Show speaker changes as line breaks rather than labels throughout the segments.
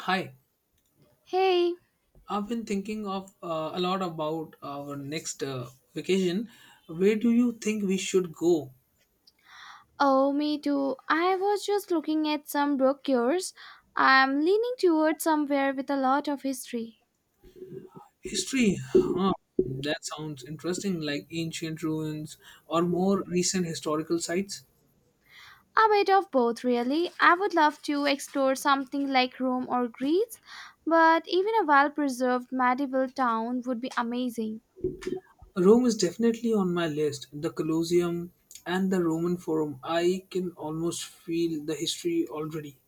Hi,
Hey,
I've been thinking of a lot about our next vacation. Where do you think we should go?
oh, me too. I was just looking at some brochures. I'm leaning towards somewhere with a lot of history.
History, huh? That sounds interesting, like ancient ruins or more recent historical sites.
A bit of both, really. I would love to explore something like Rome or Greece, but even a well preserved medieval town would be amazing.
Rome is definitely on my list. The Colosseum and the Roman Forum. I can almost feel the history already.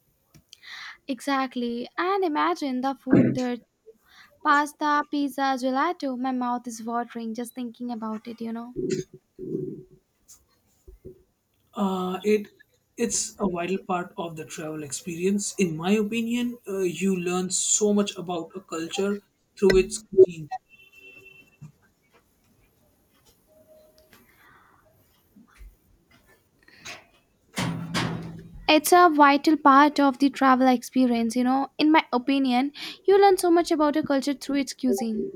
Exactly, and imagine the food there pasta, pizza, gelato. My mouth is watering just thinking about it.
Uh, it it's a vital part of the travel experience. In my opinion, you learn so much about a culture through its cuisine.
It's a vital part of the travel experience. In my opinion, you learn so much about a culture through its cuisine.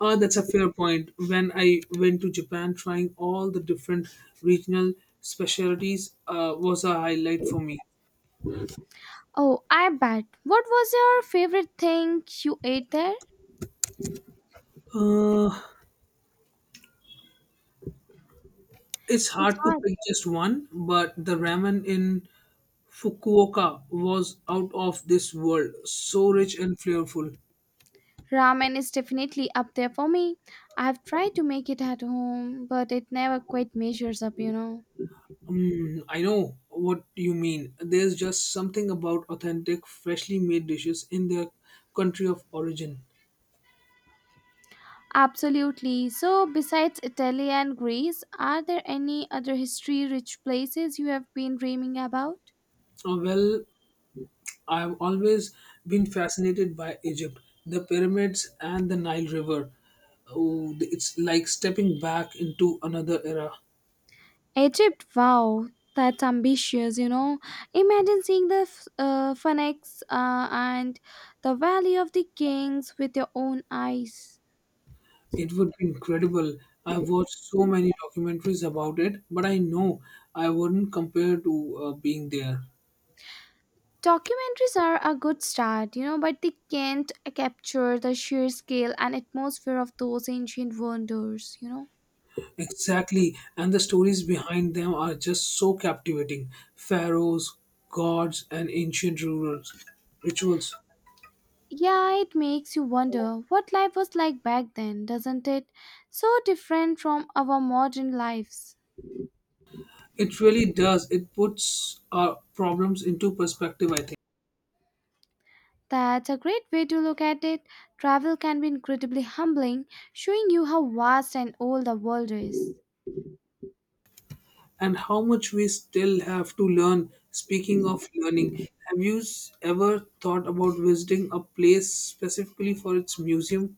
That's a fair point. When I went to Japan, trying all the different regional specialties was a highlight for me.
Oh, I bet. What was your favorite thing you ate there?
Uh, it's
It's
hard to
hard.
pick just one, but the ramen in Fukuoka was out of this world, so rich and flavorful.
Ramen is definitely up there for me. I've tried to make it at home, but it never quite measures up.
Mm, I know what you mean. There's just something about authentic, freshly made dishes in their country of origin.
Absolutely. So, besides Italy and Greece, are there any other history rich places you have been dreaming about?
Well, I've always been fascinated by Egypt, the pyramids, and the Nile River. Oh, it's like stepping back into another era.
Egypt, wow, that's ambitious. Imagine seeing the Phoenix and the Valley of the Kings with your own eyes.
It would be incredible. I've watched so many documentaries about it, but I know I wouldn't compare to being there.
Documentaries are a good start, but they can't capture the sheer scale and atmosphere of those ancient wonders.
Exactly, and the stories behind them are just so captivating. Pharaohs, gods, and ancient rulers, rituals.
Yeah, it makes you wonder what life was like back then, doesn't it? So different from our modern lives.
It really does. It puts our problems into perspective, I think,
That's a great way to look at it. Travel can be incredibly humbling, showing you how vast and old the world is.
and how much we still have to learn. Speaking of learning, ever thought about visiting a place specifically for its museum?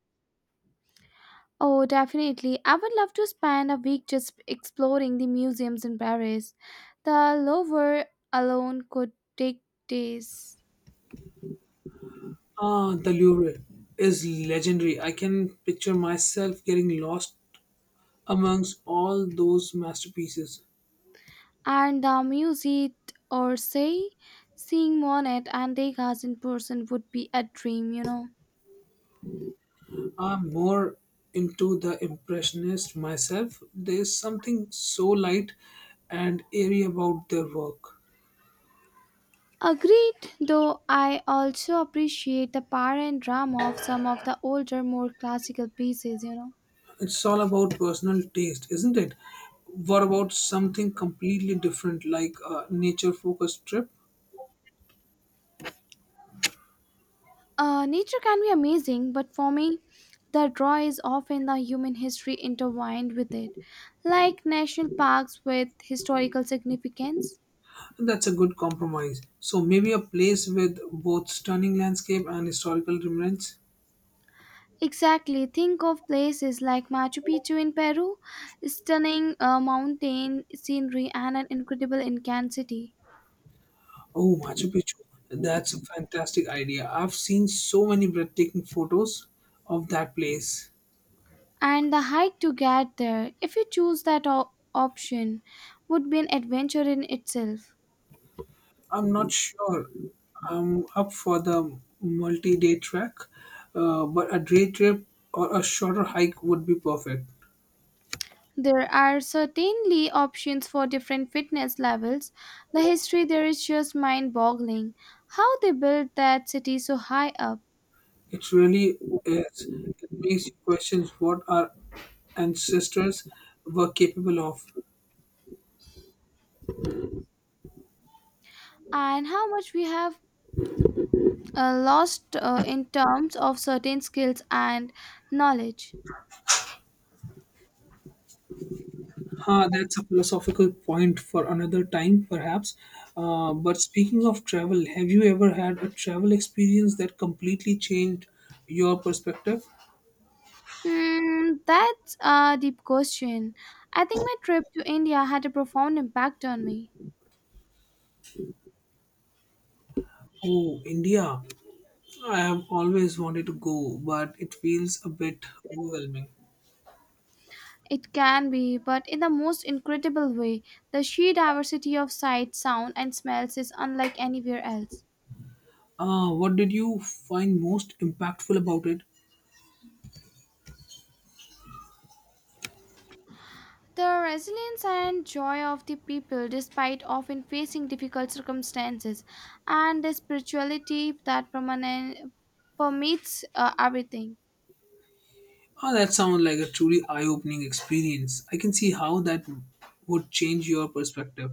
Oh, definitely. I would love to spend a week just exploring the museums in Paris. The Louvre alone could take days.
Ah, the Louvre is legendary. I can picture myself getting lost amongst all those masterpieces.
And the Musée d'Orsay, seeing Monet and Degas in person would be a dream.
I'm more into the impressionist myself. There's something so light and airy about their work.
Agreed, though I also appreciate the power and drama of some of the older, more classical pieces.
It's all about personal taste, isn't it? What about something completely different like a nature focused trip?
Nature can be amazing, but for me, the draw is often the human history intertwined with it, like national parks with historical significance.
That's a good compromise. So maybe a place with both stunning landscape and historical remnants.
Exactly, think of places like Machu Picchu in Peru, stunning mountain scenery, and an incredible Incan city.
Oh, Machu Picchu. That's a fantastic idea. I've seen so many breathtaking photos of that place.
And the hike to get there, if you choose that option, would be an adventure in itself.
I'm not sure. I'm up for the multi-day trek, but a day trip or a shorter hike would be perfect.
There are certainly options for different fitness levels. The history there is just mind boggling. How they built that city so high up,
It really is. It makes you question what our ancestors were capable of.
and how much we have lost in terms of certain skills and knowledge.
Huh, that's a philosophical point for another time, perhaps. But speaking of travel, have you ever had a travel experience that completely changed your perspective?
Hmm, that's a deep question. I think my trip to India had a profound impact on me.
Oh, India. I have always wanted to go, but it feels a bit overwhelming.
It can be, but in the most incredible way. The sheer diversity of sights, sound, and smells is unlike anywhere else.
What did you find most impactful about it?
The resilience and joy of the people, despite often facing difficult circumstances, and the spirituality that permeates everything.
Oh, that sounds like a truly eye opening experience. I can see how that would change your perspective.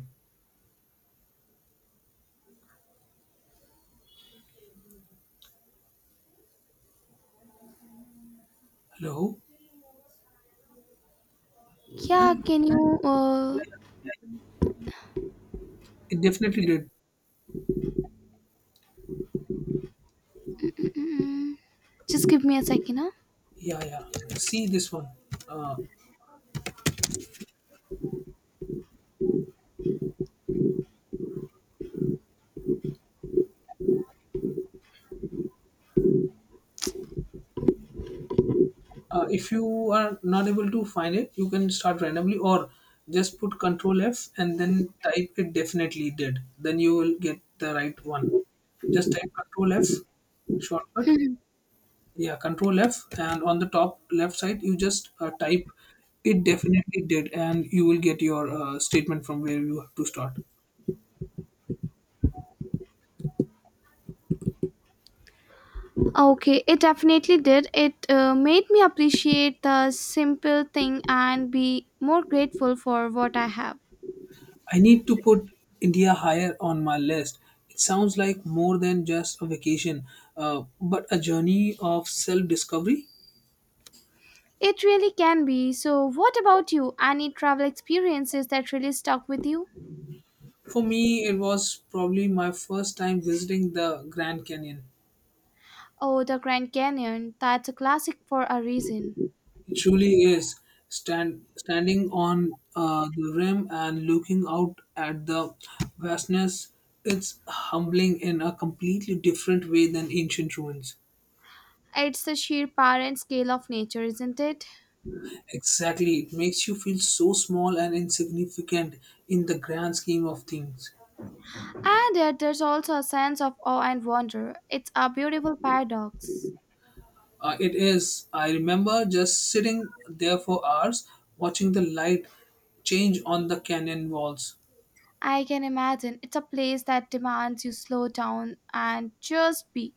Hello?
Yeah,
Hello?
can you
Yeah, yeah. It definitely did.
just give me a second, huh?
Yeah, yeah. See this one. Uh, if you are not able to find it, you can start randomly or just put Control F and then type it definitely did. Then you will get the right one. Just type Control F, shortcut. Yeah, Control F, and on the top left side, you just type it definitely did, and you will get your statement from where you have to start.
Okay, it definitely did. It made me appreciate the simple thing and be more grateful for what I have.
I need to put India higher on my list. It sounds like more than just a vacation, but a journey of self discovery.
It really can be. So, what about you? Any travel experiences that really stuck with you?
For me, it was probably my first time visiting the Grand Canyon.
Oh, the Grand Canyon. That's a classic for a reason.
It truly is standing on the rim and looking out at the vastness. It's humbling in a completely different way than ancient ruins.
It's the sheer power and scale of nature, isn't it?
Exactly, it makes you feel so small and insignificant in the grand scheme of things.
And yet, there's also a sense of awe and wonder. It's a beautiful paradox.
It is. I remember just sitting there for hours watching the light change on the canyon walls.
I can imagine it's a place that demands you slow down and just be.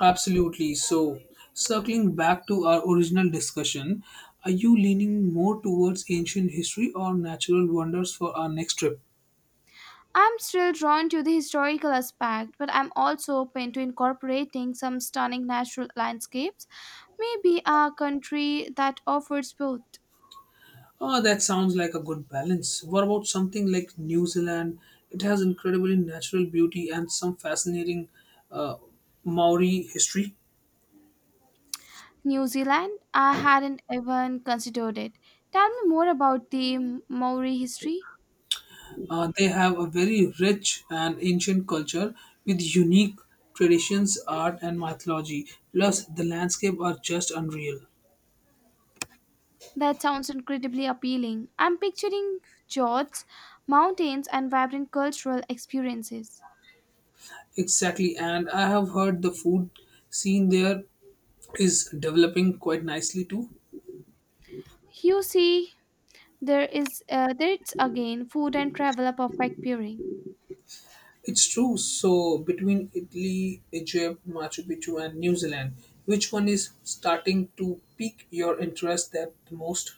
Absolutely. So, circling back to our original discussion, are you leaning more towards ancient history or natural wonders for our next trip?
I'm still drawn to the historical aspect, but I'm also open to incorporating some stunning natural landscapes, maybe a country that offers both.
Oh, that sounds like a good balance. What about something like New Zealand? It has incredibly natural beauty and some fascinating uh, Maori history.
New Zealand, I hadn't even considered it. Tell me more about the Maori history.
They have a very rich and ancient culture with unique traditions, art, and mythology. Plus, the landscape are just unreal.
That sounds incredibly appealing. I'm picturing fjords, mountains, and vibrant cultural experiences.
Exactly, and I have heard the food scene there is developing quite nicely too.
You see, there it's again food and travel a perfect pairing.
It's true. So between Italy, Egypt, Machu Picchu, and New Zealand, which one is starting to pique your interest that the most?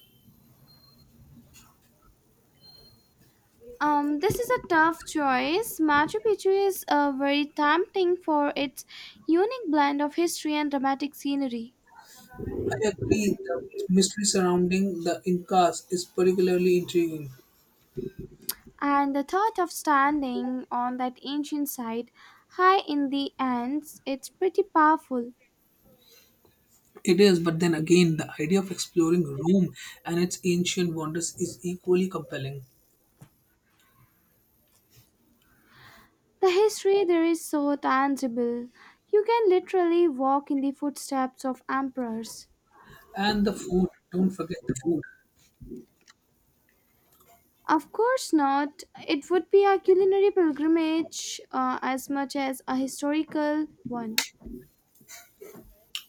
This is a tough choice. Machu Picchu is very tempting for its unique blend of history and dramatic scenery.
I agree. The mystery surrounding the Incas is particularly intriguing.
And the thought of standing on that ancient site high in the Andes, it's pretty powerful.
It is, but then again, the idea of exploring Rome and its ancient wonders is equally compelling.
The history there is so tangible. You can literally walk in the footsteps of emperors.
And the food, don't forget the food.
Of course not. It would be a culinary pilgrimage as much as a historical one.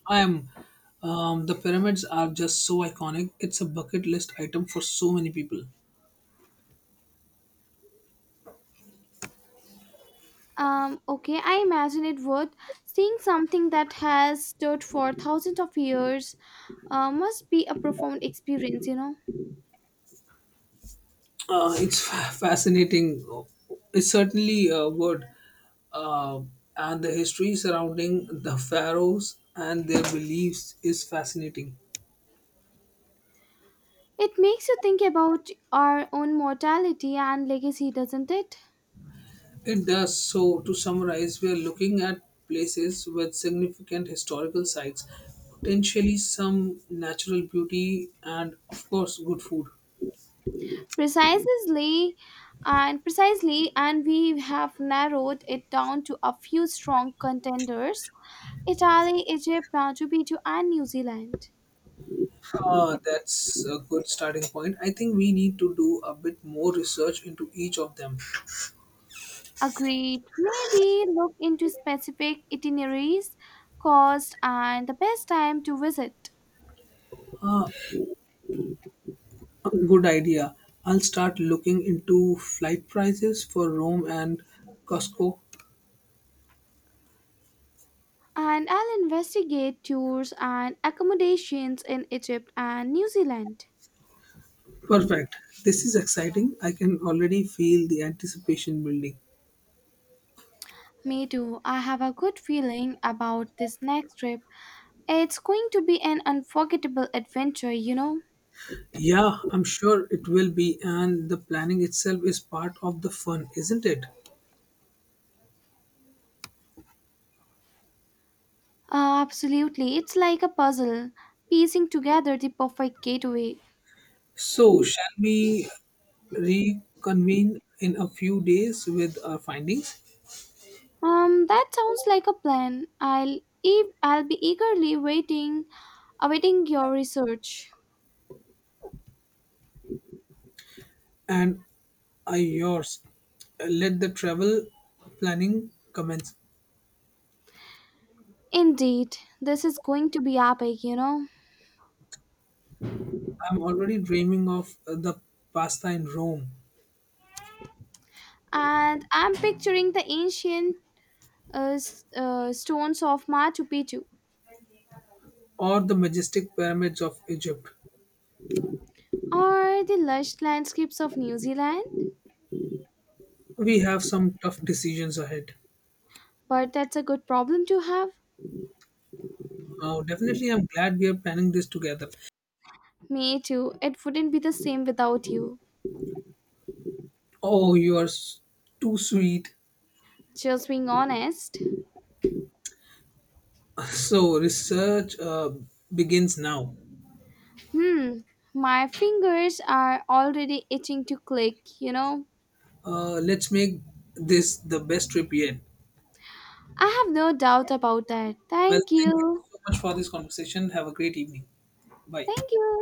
I am. The pyramids are just so iconic. It's a bucket list item for so many people.
Okay, I imagine it would. Seeing something that has stood for thousands of years must be a profound experience.
It's fascinating. It's certainly a word. Uh, and the history surrounding the pharaohs and their beliefs is fascinating.
It makes you think about our own mortality and legacy, doesn't it?
It does. So, to summarize, we are looking at places with significant historical sites, potentially some natural beauty, and of course, good food.
Precisely, precisely, and we have narrowed it down to a few strong contenders: Italy, Egypt, Now, Djibouti, and New Zealand.
That's a good starting point. I think we need to do a bit more research into each of them.
Agreed. Maybe look into specific itineraries, cost, and the best time to visit.
Ah, good idea. I'll start looking into flight prices for Rome and Costco.
And I'll investigate tours and accommodations in Egypt and New Zealand.
Perfect. This is exciting. I can already feel the anticipation building.
Me too. I have a good feeling about this next trip. It's going to be an unforgettable adventure, you know?
Yeah, I'm sure it will be, and the planning itself is part of the fun, isn't it?
Absolutely. It's like a puzzle, piecing together the perfect gateway.
So, shall we reconvene in a few days with our findings?
That sounds like a plan. I'll be eagerly waiting, awaiting your research.
And are yours. Let the travel planning commence.
Indeed, this is going to be epic.
I'm already dreaming of the pasta in Rome
And I'm picturing the ancient stones of Machu Picchu
or the majestic pyramids of Egypt.
or the lush landscapes of New Zealand.
We have some tough decisions ahead.
But that's a good problem to have.
Oh, definitely, I'm glad we are planning this together.
Me too. It wouldn't be the same without you.
Oh, you are s- Too sweet.
Just being honest.
So, research begins now.
Hmm. My fingers are already itching to click.
Let's make this the best trip yet.
I have no doubt about that.
Well,
Thank
thank you
you.
so much for this conversation. Have a great evening. Bye.
Thank you.